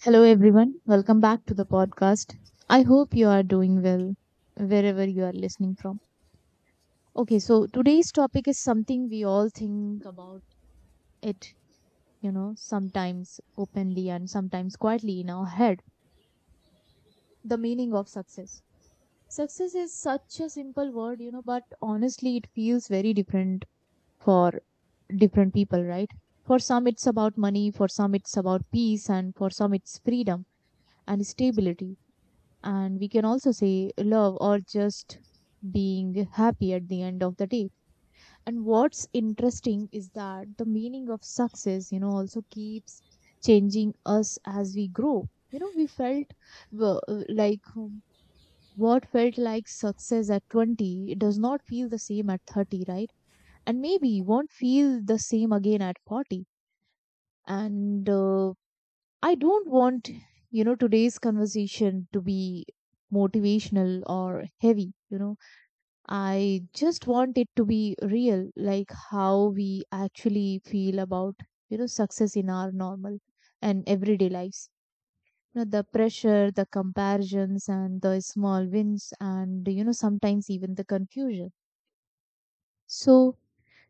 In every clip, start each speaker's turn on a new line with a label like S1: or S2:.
S1: Hello, everyone. Welcome back to the podcast. I hope you are doing well wherever you are listening from. Okay, so today's topic is something we all think about it, you know, sometimes openly and sometimes quietly in our head, the meaning of success. Success is such a simple word, you know, but honestly, it feels very different for different people, right? For some, it's about money, for some, it's about peace, and for some, it's freedom and stability, and we can also say love or just being happy at the end of the day. And what's interesting is that the meaning of success, you know, also keeps changing us as we grow. You know, we felt w- like um, what felt like success at 20, it does not feel the same at 30, right? And maybe won't feel the same again at 40. And I don't want, you know, today's conversation to be motivational or heavy, you know. I just want it to be real, like how we actually feel about, you know, success in our normal and everyday lives. You know, the pressure, the comparisons, and the small wins, and, you know, sometimes even the confusion. So,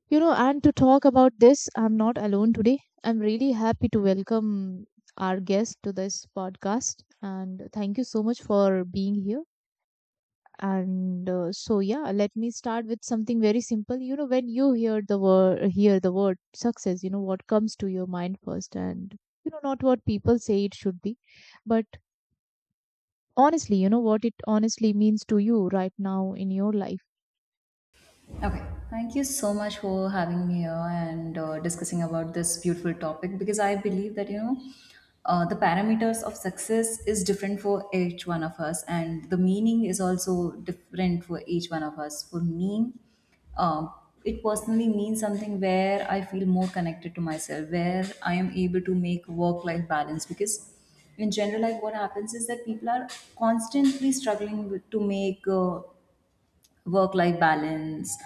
S1: you know, and to talk about this, I'm not alone today. I'm really happy to welcome our guest to this podcast. And thank you so much for being here. And so, yeah, let me start with something very simple. You know, when you hear the word success, you know, what comes to your mind first? And, you know, not what people say it should be, but honestly, you know, what it honestly means to you right now in your life.
S2: Okay, thank you so much for having me here and discussing about this beautiful topic because I believe that the parameters of success is different for each one of us, and the meaning is also different for each one of us. For me, um, it personally means something where I feel more connected to myself, where I am able to make work-life balance. Because in general, like, what happens is that people are constantly struggling with, to make work life balance,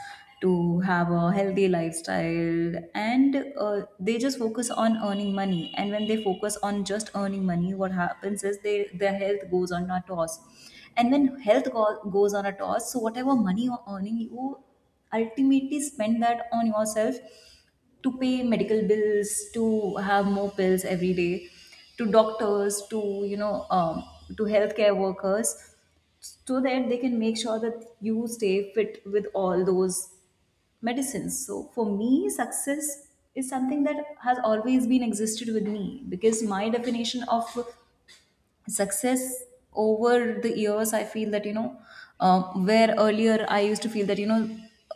S2: to have a healthy lifestyle, and they just focus on earning money, and when they focus on just earning money what happens is they their health goes on a toss. And when goes on a toss, so whatever money you're earning you ultimately spend that on yourself, to pay medical bills, to have more pills every day, to doctors, to, you know, to healthcare workers, so that they can make sure that you stay fit with all those medicines. So for me, success is something that has always been existed with me, because my definition of success over the years, I feel that, you know, uh, where earlier I used to feel that, you know,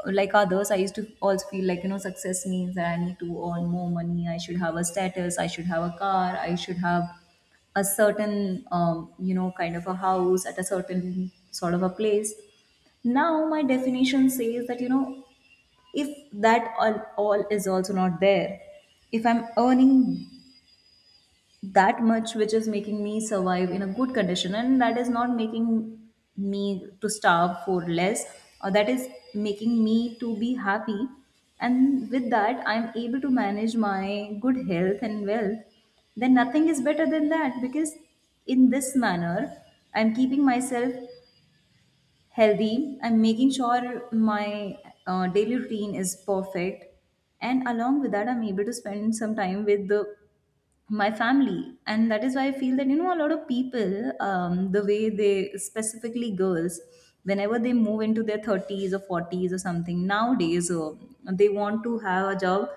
S2: like others, I used to also feel like, you know, success means that I need to earn more money, I should have a status, I should have a car, I should have a certain you know, kind of a house at a certain sort of a place. Now my definition says that, you know, if that all is also not there, if I'm earning that much which is making me survive in a good condition, and that is not making me to starve for less, or that is making me to be happy, and with that I'm able to manage my good health and wealth, then nothing is better than that. Because in this manner I'm keeping myself healthy, I'm making sure my daily routine is perfect, and along with that I'm able to spend some time with the my family. And that is why I feel that, you know, a lot of people, the way they, specifically girls, whenever they move into their 30s or 40s or something nowadays, they want to have a job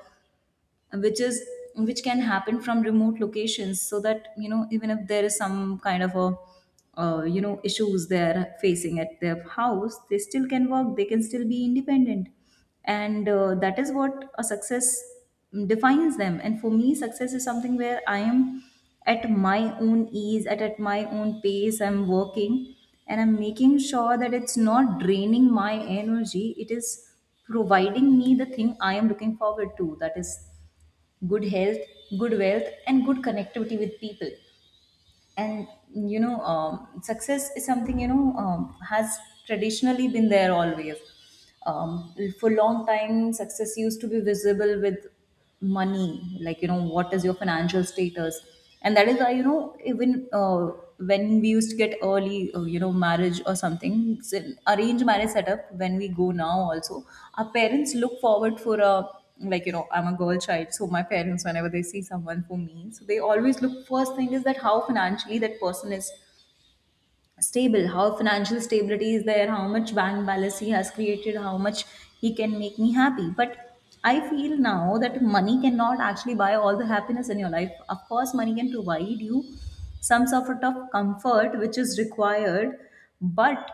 S2: which is, which can happen from remote locations, so that, you know, even if there is some kind of a you know, issues they're facing at their house, they still can work, they can still be independent. And that is what a success defines them. And for me success is something where I am at my own ease, at my own pace I'm working, and I'm making sure that it's not draining my energy, it is providing me the thing I am looking forward to, that is good health, good wealth, and good connectivity with people. And, you know, success is something, you know, has traditionally been there always. For long time, success used to be visible with money, like, you know, what is your financial status, and that is why, you know, even. When we used to get early, you know, marriage or something, so arranged marriage setup. When we go now, also, our parents look forward for a, like, you know, I'm a girl child, so my parents, whenever they see someone for me, so they always look, first thing is that how financially that person is stable, how financial stability is there, how much bank balance he has created, how much he can make me happy. But I feel now that money cannot actually buy all the happiness in your life. Of course money can provide you some sort of comfort which is required, but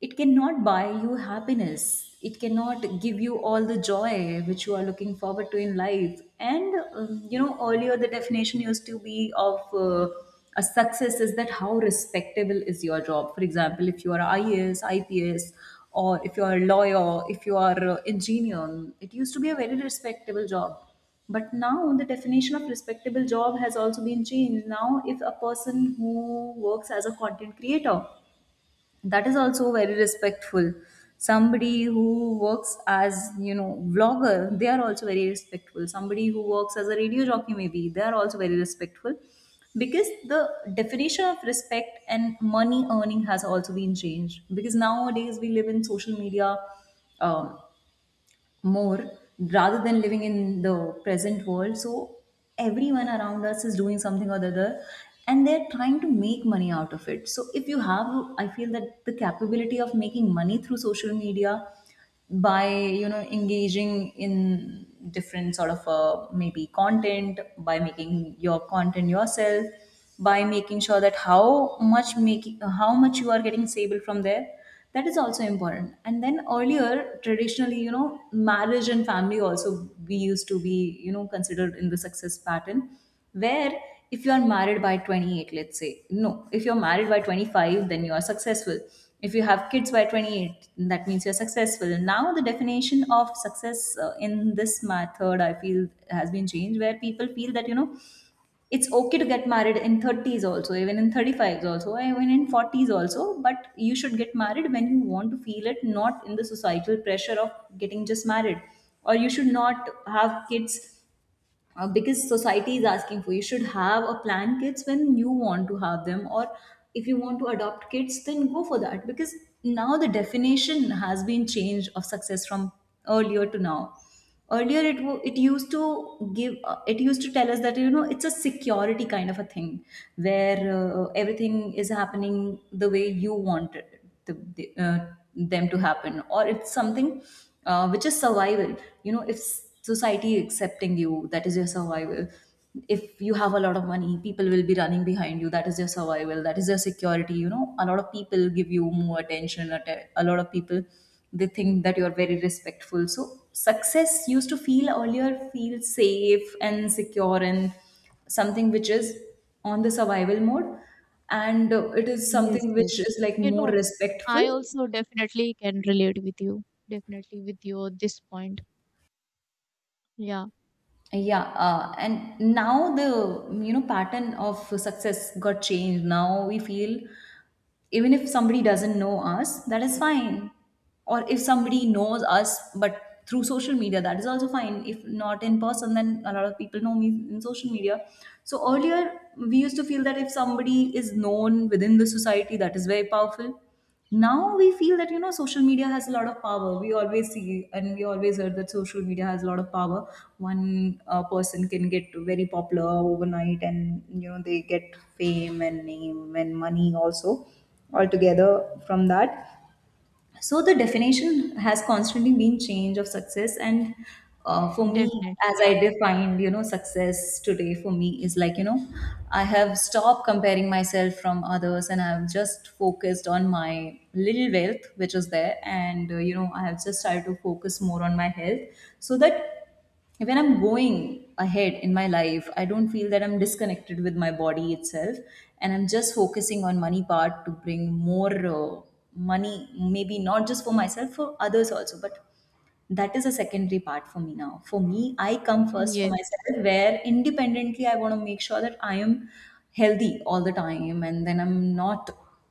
S2: it cannot buy you happiness, it cannot give you all the joy which you are looking forward to in life. And you know, earlier the definition used to be of a success is that how respectable is your job. For example, if you are IAS, IPS, or if you are a lawyer, if you are an engineer, it used to be a very respectable job. But now the definition of respectable job has also been changed. Now if a person who works as a content creator, that is also very respectful. Somebody who works as, you know, vlogger, they are also very respectful. Somebody who works as a radio jockey, maybe they are also very respectful. Because the definition of respect and money earning has also been changed, because nowadays we live in social media, um, more, rather than living in the present world. So everyone around us is doing something or the other, and they're trying to make money out of it. So if you have, I feel that the capability of making money through social media by, you know, engaging in different sort of maybe content, by making your content yourself, by making sure that how much you are getting stable from there, that is also important. And then earlier, traditionally, you know, marriage and family also we used to be, you know, considered in the success pattern, where if you are married by 28, let's say, no, if you're married by 25, then you are successful. If you have kids by 28, that means you're successful. Now the definition of success in this method, I feel has been changed, where people feel that, you know, it's okay to get married in 30s also, even in 35s also, even in 40s also, but you should get married when you want to feel it, not in the societal pressure of getting just married. Or you should not have kids because society is asking for, you should have a plan kids when you want to have them. Or if you want to adopt kids, then go for that. Because now the definition has been changed of success from earlier to now. Earlier it used to give it used to tell us that, you know, it's a security kind of a thing, where everything is happening the way you want it, them to happen, or it's something which is survival. You know, if society accepting you, that is your survival. If you have a lot of money, people will be running behind you, that is your survival, that is your security. You know, a lot of people give you more attention, a lot of people, they think that you are very respectful. So success used to feel earlier, feel safe and secure, and something which is on the survival mode, and it is
S1: Yes,
S2: something which
S1: yes.
S2: is like
S1: You
S2: more
S1: know,
S2: respectful.
S1: I also definitely can relate with you. Definitely with you at this point. Yeah,
S2: Yeah, and now the, you know, pattern of success got changed. Now we feel even if somebody doesn't know us, that is fine, or if somebody knows us but through social media, that is also fine. If not in person, then a lot of people know me in social media. So earlier we used to feel that if somebody is known within the society, that is very powerful. Now we feel that, you know, social media has a lot of power. We always see and we always heard that social media has a lot of power. One person can get very popular overnight, and you know, they get fame and name and money also altogether from that. So the definition has constantly been change of success. And for me,
S1: definitely.
S2: as
S1: Yeah.
S2: I defined, you know, success today for me is like, you know, I have stopped comparing myself from others, and I've just focused on my little wealth which is there. And you know, I have just tried to focus more on my health, so that when I'm going ahead in my life, I don't feel that I'm disconnected with my body itself, and I'm just focusing on money part to bring more money, maybe not just for myself, for others also. But that is a secondary part for me now. For me, I come first, for
S1: Yes,
S2: myself, where independently I want to make sure that I am healthy all the time, and then I'm not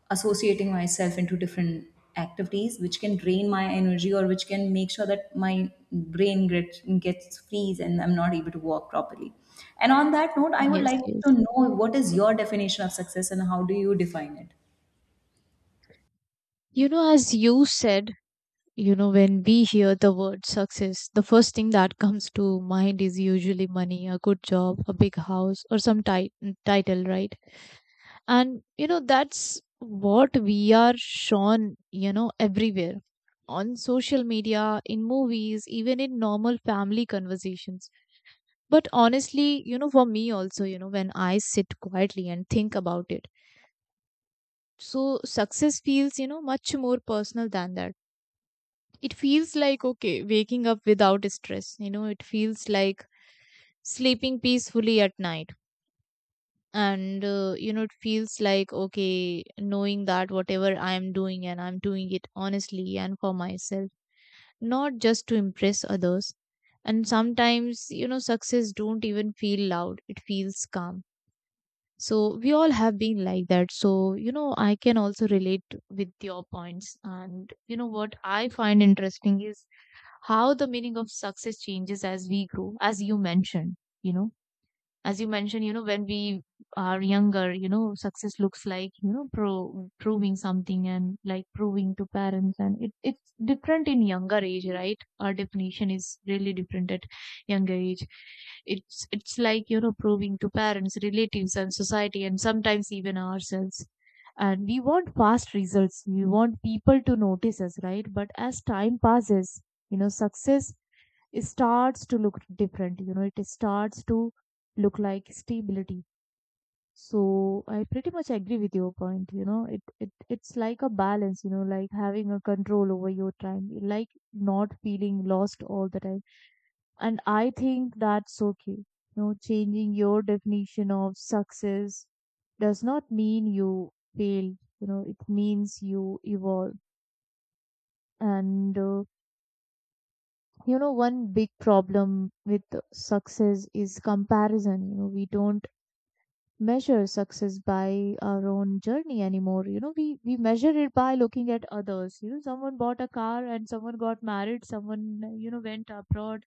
S2: associating myself into different activities which can drain my energy, or which can make sure that my brain gets freeze, and I'm not able to work properly. And on that note, I would
S1: yes,
S2: like
S1: yes.
S2: to know, what is your definition of success and how do you define it?
S1: You know, as you said, you know, when we hear the word success, the first thing that comes to mind is usually money, a good job, a big house, or some ti title, right? And you know that's what we are shown, you know, everywhere, on social media, in movies, even in normal family conversations. But honestly, you know, for me also, you know, when I sit quietly and think about it, so success feels, you know, much more personal than that. It feels like, okay, waking up without stress. You know, it feels like sleeping peacefully at night. And you know, it feels like, okay, knowing that whatever I am doing, and I'm doing it honestly and for myself, not just to impress others. And sometimes you know success don't even feel loud, it feels calm. So we all have been like that, so you know I can also relate with your points. And you know what I find interesting is how the meaning of success changes as we grow, as you mentioned. You know, as you mentioned, you know, when we are younger, you know, success looks like, you know, proving something, and like proving to parents. And it's different in younger age, right? Our definition is really different at younger age. It's like, you know, proving to parents, relatives and society and sometimes even ourselves. And we want fast results. We want people to notice us, right? But as time passes, you know, success, it starts to look different. You know, it starts to look like stability. So I pretty much agree with your point. You know, it's like a balance, you know, like having a control over your time, like not feeling lost all the time. And I think that's okay, you know, changing your definition of success does not mean you fail. You know, it means you evolve. And you know, one big problem with success is comparison. You know, we don't measure success by our own journey anymore. You know, we measure it by looking at others. You know, someone bought a car, and someone got married, someone, you know, went abroad,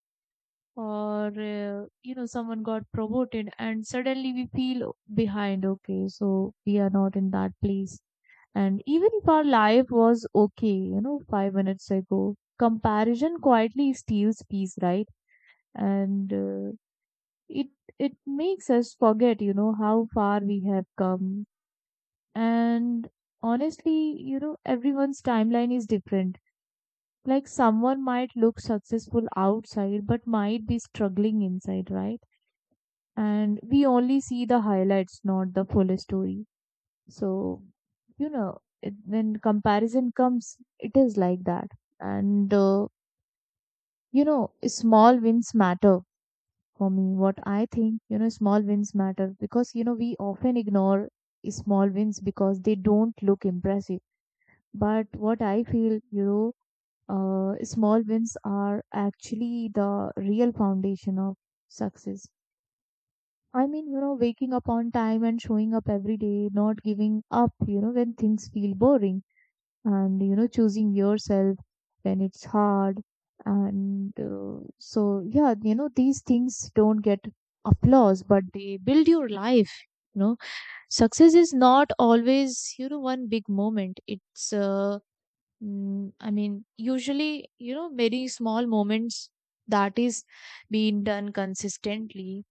S1: or you know, someone got promoted, and suddenly we feel behind. Okay, so we are not in that place. And even if our life was okay, you know, 5 minutes ago, comparison quietly steals peace, right? And uh, it it makes us forget, you know, how far we have come. And honestly, you know, everyone's timeline is different. Like someone might look successful outside but might be struggling inside, right? And we only see the highlights, not the full story. So, you know, when comparison comes, it is like that. And you know, small wins matter. For me, what I think, you know, small wins matter, because you know we often ignore small wins because they don't look impressive. But what I feel, you know, small wins are actually the real foundation of success. I mean, you know, waking up on time, and showing up every day, not giving up, you know, when things feel boring, and you know, choosing yourself when it's hard. And so yeah, you know, these things don't get applause, but they build your life. You know, success is not always, you know, one big moment. It's I mean, usually you know, many small moments that is being done consistently.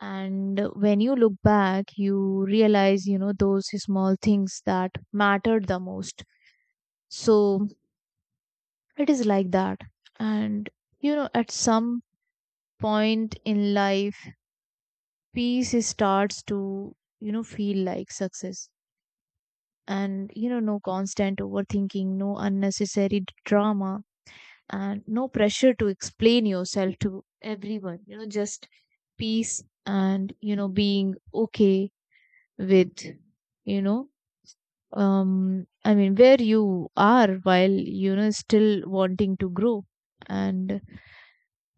S1: And when you look back, you realize, you know, those small things that mattered the most. So it is like that. And you know, at some point in life, starts to, you know, feel like success. And you know, no constant overthinking, no unnecessary drama, and no pressure to explain yourself to everyone. You know, just peace. And you know, being okay with, you know, I mean, where you are, while, you know, still wanting to grow. And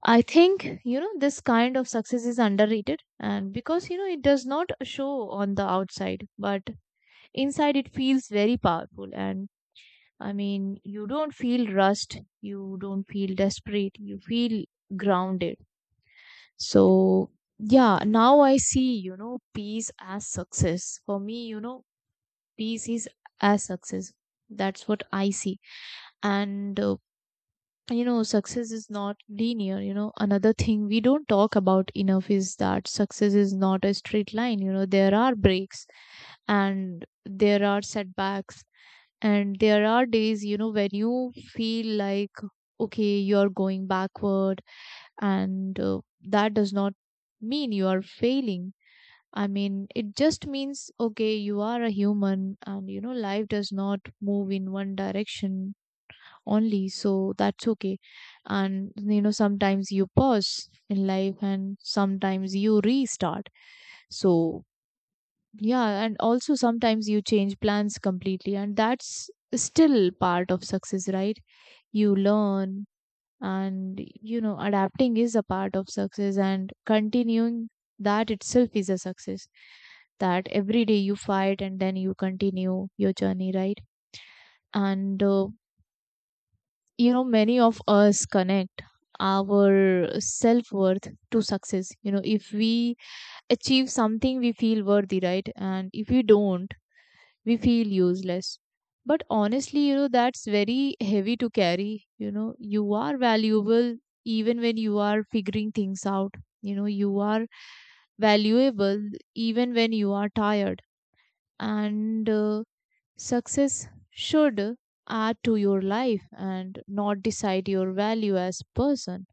S1: I think, you know, this kind of success is underrated, and because, you know, it does not show on the outside, but inside it feels very powerful. And I mean, you don't feel rushed, you don't feel desperate, you feel grounded. So, yeah, now I see, you know, peace as success. For me, you know, peace is as success. That's what I see. And you know, success is not linear. You know, another thing we don't talk about enough is that success is not a straight line. You know, there are breaks, and there are setbacks, and there are days, you know, when you feel like, okay, you're going backward. And that does not mean you are failing. I mean, it just means, okay, you are a human, and you know, life does not move in one direction only, so that's okay. And you know, sometimes you pause in life, and sometimes you restart. So yeah, and also sometimes you change plans completely, and that's still part of success, right? You learn, and you know, adapting is a part of success, and continuing that itself is a success, that every day you fight and then you continue your journey, right? and you know, many of us connect our self worth to success. You know, if we achieve something, we feel worthy, right? And if we don't, we feel useless. But honestly, you know, that's very heavy to carry. You know, you are valuable even when you are figuring things out. You know, you are valuable even when you are tired. And Success should add to your life and not decide your value as person.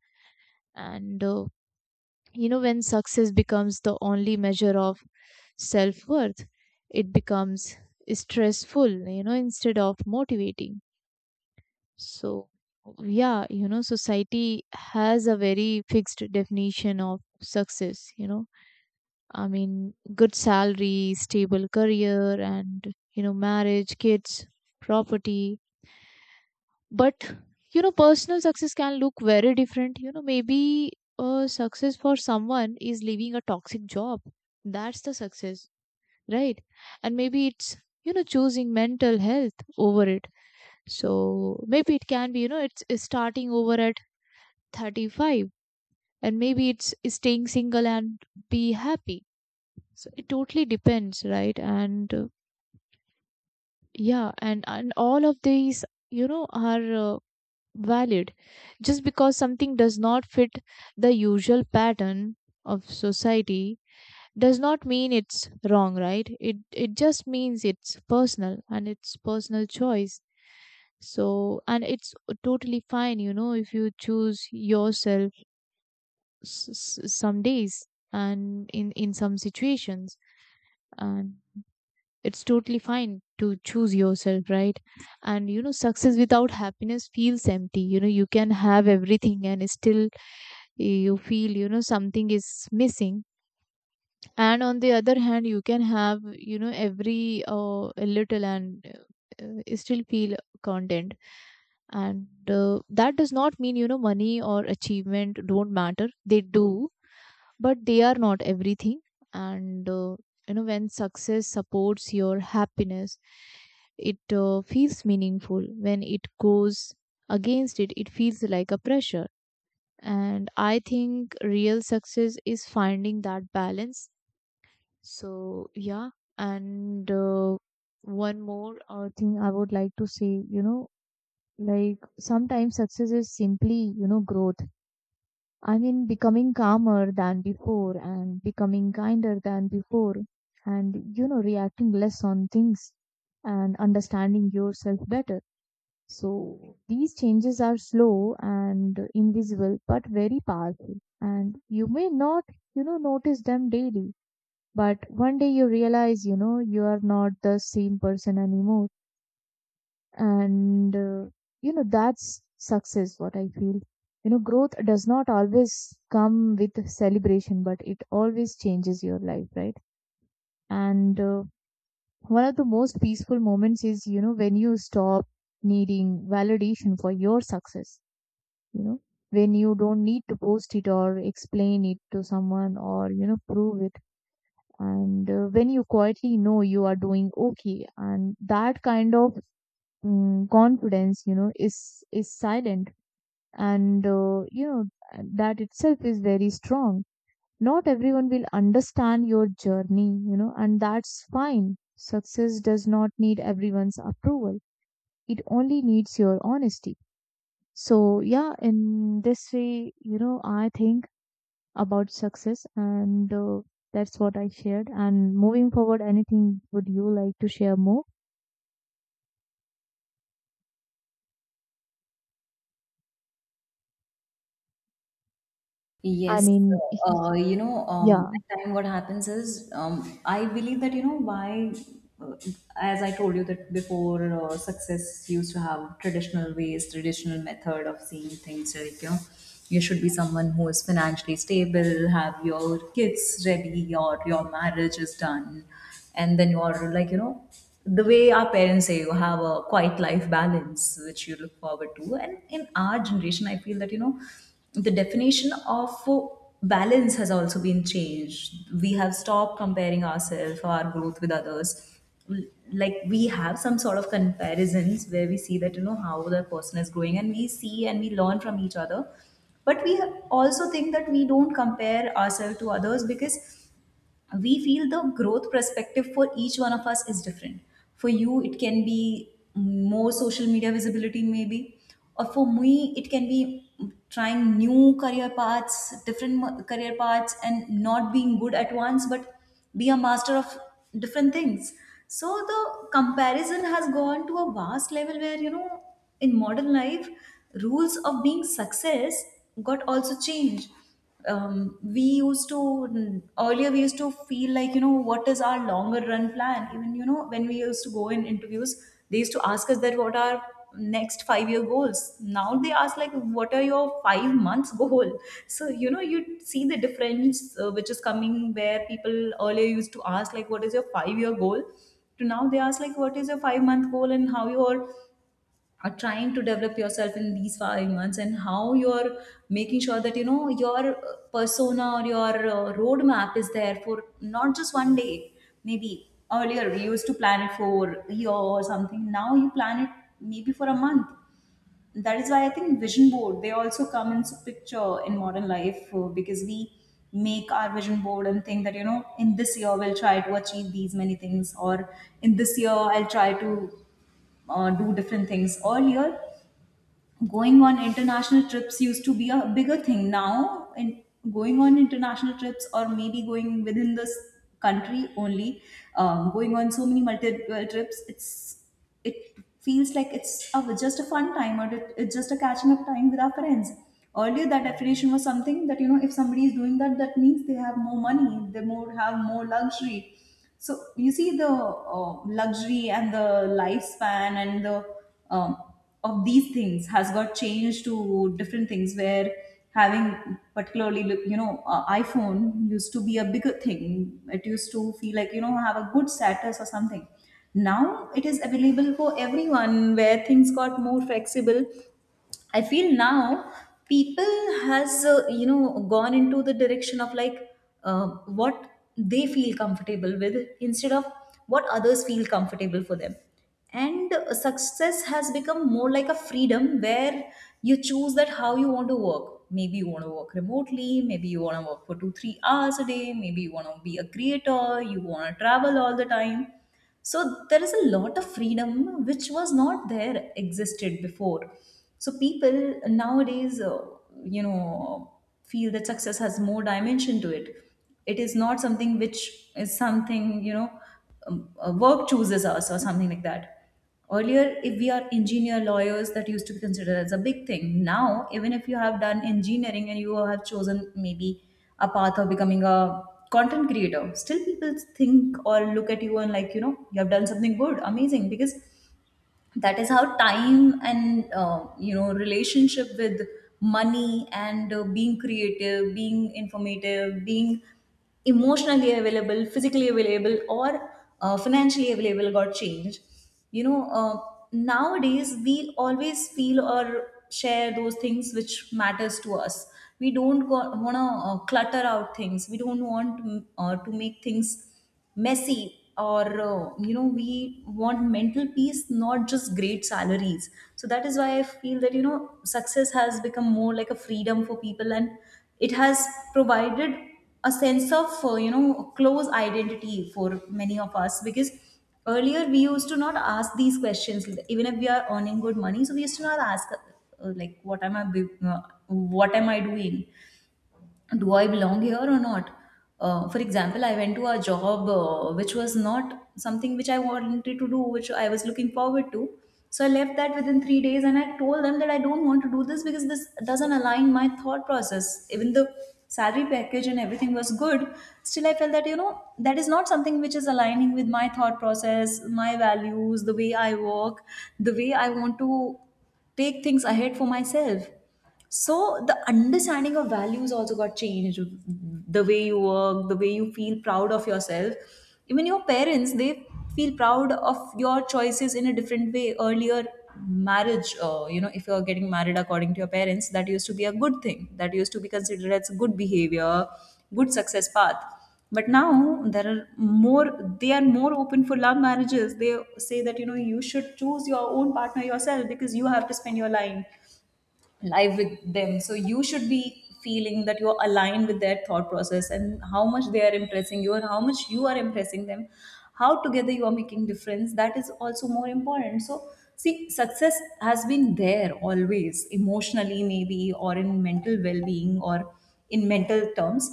S1: And you know, when success becomes the only measure of self worth, it becomes stressful, you know, instead of motivating. So, yeah, you know, society has a very fixed definition of success, you know. I mean, good salary, stable career, and, you know, marriage, kids, property. But you know personal success can look very different. You know, maybe success for someone is leaving a toxic job. That's the success, right? And maybe it's, you know, choosing mental health over it. So maybe it can be, you know, it's starting over at 35, and maybe it's staying single and be happy. So it totally depends, right? And yeah, and all of these, you know, are valid. Just because something does not fit the usual pattern of society does not mean it's wrong, right? It just means it's personal and it's personal choice. So, and it's totally fine, you know, if you choose yourself s- some days and in some situations. And it's totally fine to choose yourself, right? And you know, success without happiness feels empty. You know, you can have everything and still you feel, you know, something is missing. And on the other hand, you can have, you know, every a little, and still feel content. And that does not mean, you know, money or achievement don't matter. They do, but they are not everything. And you know, when success supports your happiness, it feels meaningful. When it goes against it, it feels like a pressure. And I think real success is finding that balance. So yeah. And one more thing I would like to say, you know, like sometimes success is simply, you know, growth. I mean, becoming calmer than before and becoming kinder than before, and you know, reacting less on things and understanding yourself better. So these changes are slow and invisible, but very powerful. And you may not, you know, notice them daily, but one day you realize, you know, you are not the same person anymore. And, you know, that's success, what I feel. You know, growth does not always come with celebration, but it always changes your life, right? And one of the most peaceful moments is, you know, when you stop needing validation for your success. You know, when you don't need to post it or explain it to someone or, you know, prove it. And when you quietly know you are doing okay, and that kind of confidence, you know, is silent. And you know, that itself is very strong. Not everyone will understand your journey, you know, and that's fine. Success does not need everyone's approval. It only needs your honesty. So yeah, in this way, you know, I think about success. And that's what I shared. And moving forward, anything would you like to share more? I
S2: Yes,
S1: mean,
S2: you know,
S1: yeah.
S2: at time what happens is, I believe that, you know, why, uh, as I told you that before, success used to have traditional ways, traditional method of seeing things. Like, you should be someone who is financially stable, have your kids ready, or your marriage is done, and then you're like the way our parents say you have a quiet life balance which you look forward to. And in our generation I feel that the definition of balance has also been changed. We have stopped comparing ourselves, our growth with others. Like we have some sort of comparisons where we see that, you know, how the person is growing, and we see and we learn from each other. But we also think that we don't compare ourselves to others because we feel the growth perspective for each one of us is different. For you, it can be more social media visibility, maybe, or for me, it can be trying new career paths, different career paths, and not being good at once, but be a master of different things. So the comparison has gone to a vast level where in modern life rules of being success got also changed. We used to earlier we used to feel like what is our longer run plan, even when we used to go in interviews, they used to ask us that what are next 5 year goals. Now they ask like what are your 5 months goal. So you know you see the difference, which is coming, where people earlier used to ask like what is your 5 year goal to now they ask like what is your 5 month goal, and how your are trying to develop yourself in these 5 months, and how you're making sure that your persona or your roadmap is there for not just one day. Maybe earlier we used to plan it for a year or something, now you plan it maybe for a month. That is why I think vision board they also come into picture in modern life, because we make our vision board and think that in this year we'll try to achieve these many things, or in this year I'll try to do different things. Earlier, going on international trips used to be a bigger thing. Now, in going on international trips, or maybe going within this country only, going on so many multiple trips, it's, it feels like it's a, just a fun time, or it's just a catching up time with our friends. Earlier that definition was something that if somebody is doing that, that means they have more money, they more have more luxury. So you see the luxury and the lifespan and the um, of these things has got changed to different things, where having particularly iPhone used to be a bigger thing, it used to feel like have a good status or something. Now it is available for everyone, where things got more flexible. I feel now people has gone into the direction of like uh, what they feel comfortable with, instead of what others feel comfortable for them. And success has become more like a freedom, where you choose that how you want to work. Maybe you want to work remotely, maybe you want to work for 2 3 hours a day, maybe you want to be a creator, you want to travel all the time. So there is a lot of freedom which was not there existed before. So people nowadays you know feel that success has more dimension to it. It is not something which is something work chooses us or something like that. Earlier, if we are engineer lawyers, that used to be considered as a big thing. Now, even if you have done engineering and you have chosen maybe a path of becoming a content creator, still people think or look at you and like, you know, you have done something good, amazing, because that is how time and relationship with money and being creative, being informative, being emotionally available, physically available, or financially available got changed. you know uh, Nowadays we always feel or share those things which matters to us. We don't want to clutter out things, we don't want to make things messy, or we want mental peace, not just great salaries. So that is why I feel that success has become more like a freedom for people, and it has provided a sense of close identity for many of us, because earlier we used to not ask these questions even if we are earning good money. So we used to not ask like what am what am I doing, do I belong here or not? For example, I went to a job which was not something which I wanted to do, which I was looking forward to. So I left that within 3 days and I told them that I don't want to do this because this doesn't align my thought process. Even the salary package and everything was good, still I felt that, you know, that is not something which is aligning with my thought process, my values, the way I work, the way I want to take things ahead for myself. So the understanding of values also got changed, the way you work, the way you feel proud of yourself. Even your parents, they feel proud of your choices in a different way. Earlier, marriage, if you're getting married according to your parents, that used to be a good thing, that used to be considered as good behavior, good success path. But now there are more, they are more open for love marriages. They say that you know you should choose your own partner yourself, because you have to spend your life, live with them, so you should be feeling that you're aligned with their thought process, and how much they are impressing you and how much you are impressing them, how together you are making difference, that is also more important. So see, success has been there always, emotionally maybe, or in mental well-being, or in mental terms,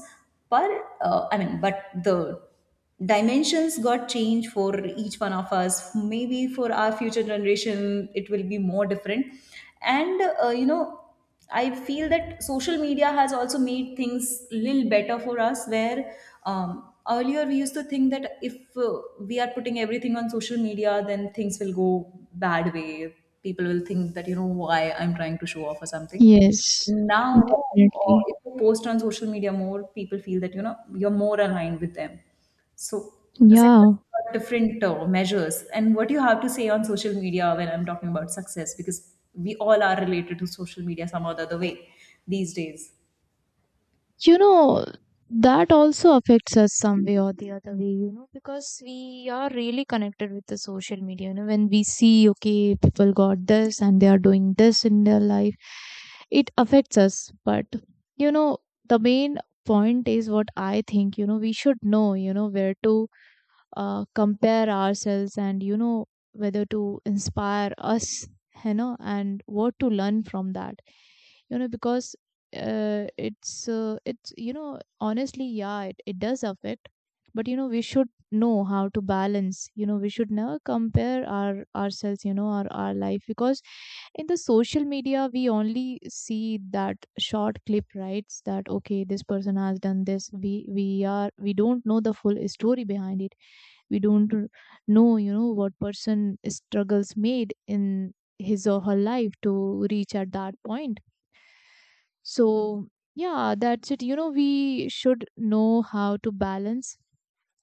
S2: but but the dimensions got changed for each one of us. Maybe for our future generation it will be more different. And I feel that social media has also made things little better for us, where earlier we used to think that if we are putting everything on social media, then things will go bad way. People will think that you know why I'm trying to show off or something.
S1: Yes,
S2: Now, uh,
S1: definitely.
S2: if you post on social media more, people feel that, you know, you're more aligned with them. So success
S1: Yeah.
S2: got different measures. And what you have to say on social media when I'm talking about success, because we all are related to social media some or the other way these days.
S1: You know, that also affects us some way or the other way, you know, because we are really connected with the social media. You know, when we see, okay, people got this and they are doing this in their life, it affects us. But you know, the main point is what I think, you know, we should know, you know, where to compare ourselves, and you know, whether to inspire us, you know, and what to learn from that, you know, because it's, you know, honestly, yeah, it does affect. But you know, we should know how to balance. You know, we should never compare ourselves, you know, our life, because in the social media we only see that short clip, right? That okay, this person has done this. We don't know the full story behind it. We don't r- know, you know, what person struggles made in his or her life to reach at that point. So yeah, that's it, you know, we should know how to balance.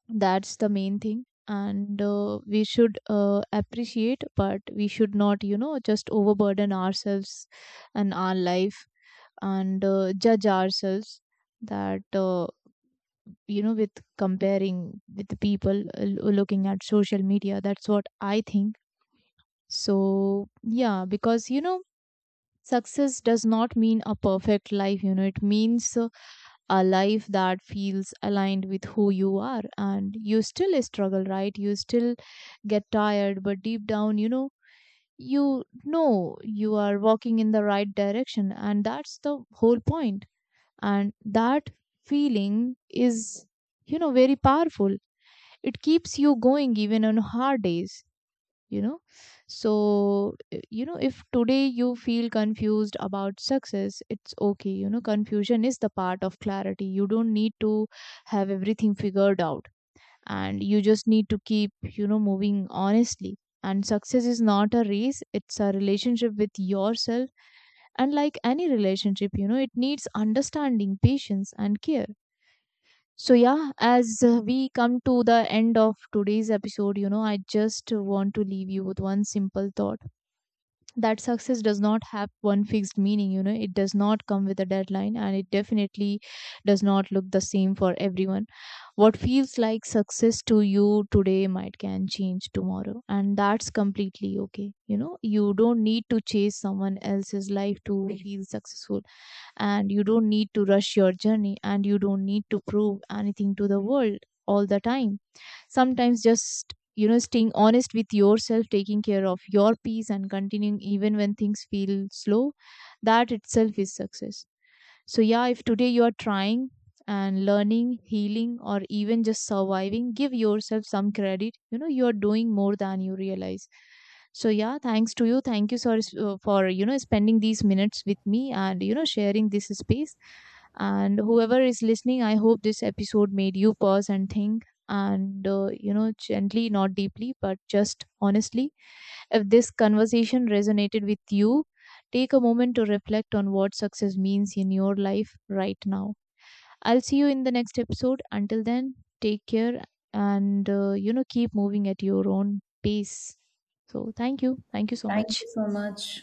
S1: That's the main thing. And we should appreciate, but we should not, you know, just overburden ourselves and our life, and judge ourselves that you know, with comparing with the people looking at social media. That's what I think. So yeah, because you know, success does not mean a perfect life. You know, it means a life that feels aligned with who you are, and you still struggle, right? You still get tired, but deep down, you know, you know you are walking in the right direction, and that's the whole point. And that feeling is, you know, very powerful. It keeps you going even on hard days, you know. So you know, if today you feel confused about success, it's okay. You know, confusion is the part of clarity. You don't need to have everything figured out, and you just need to keep, you know, moving honestly. And success is not a race, it's a relationship with yourself. And like any relationship, you know, it needs understanding, patience, and care. So, yeah, as we come to the end of today's episode, you know, I just want to leave you with one simple thought that success does not have one fixed meaning. You know, it does not come with a deadline, and it definitely does not look the same for everyone. What feels like success to you today might can change tomorrow, and that's completely okay. You know, you don't need to chase someone else's life to feel successful, and you don't need to rush your journey, and you don't need to prove anything to the world all the time. Sometimes just, you know, staying honest with yourself, taking care of your peace, and continuing even when things feel slow, that itself is success. So, yeah, if today you are trying and learning, healing, or even just surviving, give yourself some credit. You know, you are doing more than you realize. So, yeah, thanks to you. Thank you so, for, you know, spending these minutes with me and, you know, sharing this space. And whoever is listening, I hope this episode made you pause and think. And, you know, gently, not deeply, but just honestly, if this conversation resonated with you, take a moment to reflect on what success means in your life right now. I'll see you in the next episode. Until then, take care, and you know, keep moving at your own pace. So, thank you. Thank you so
S2: Thank
S1: much.
S2: you so much.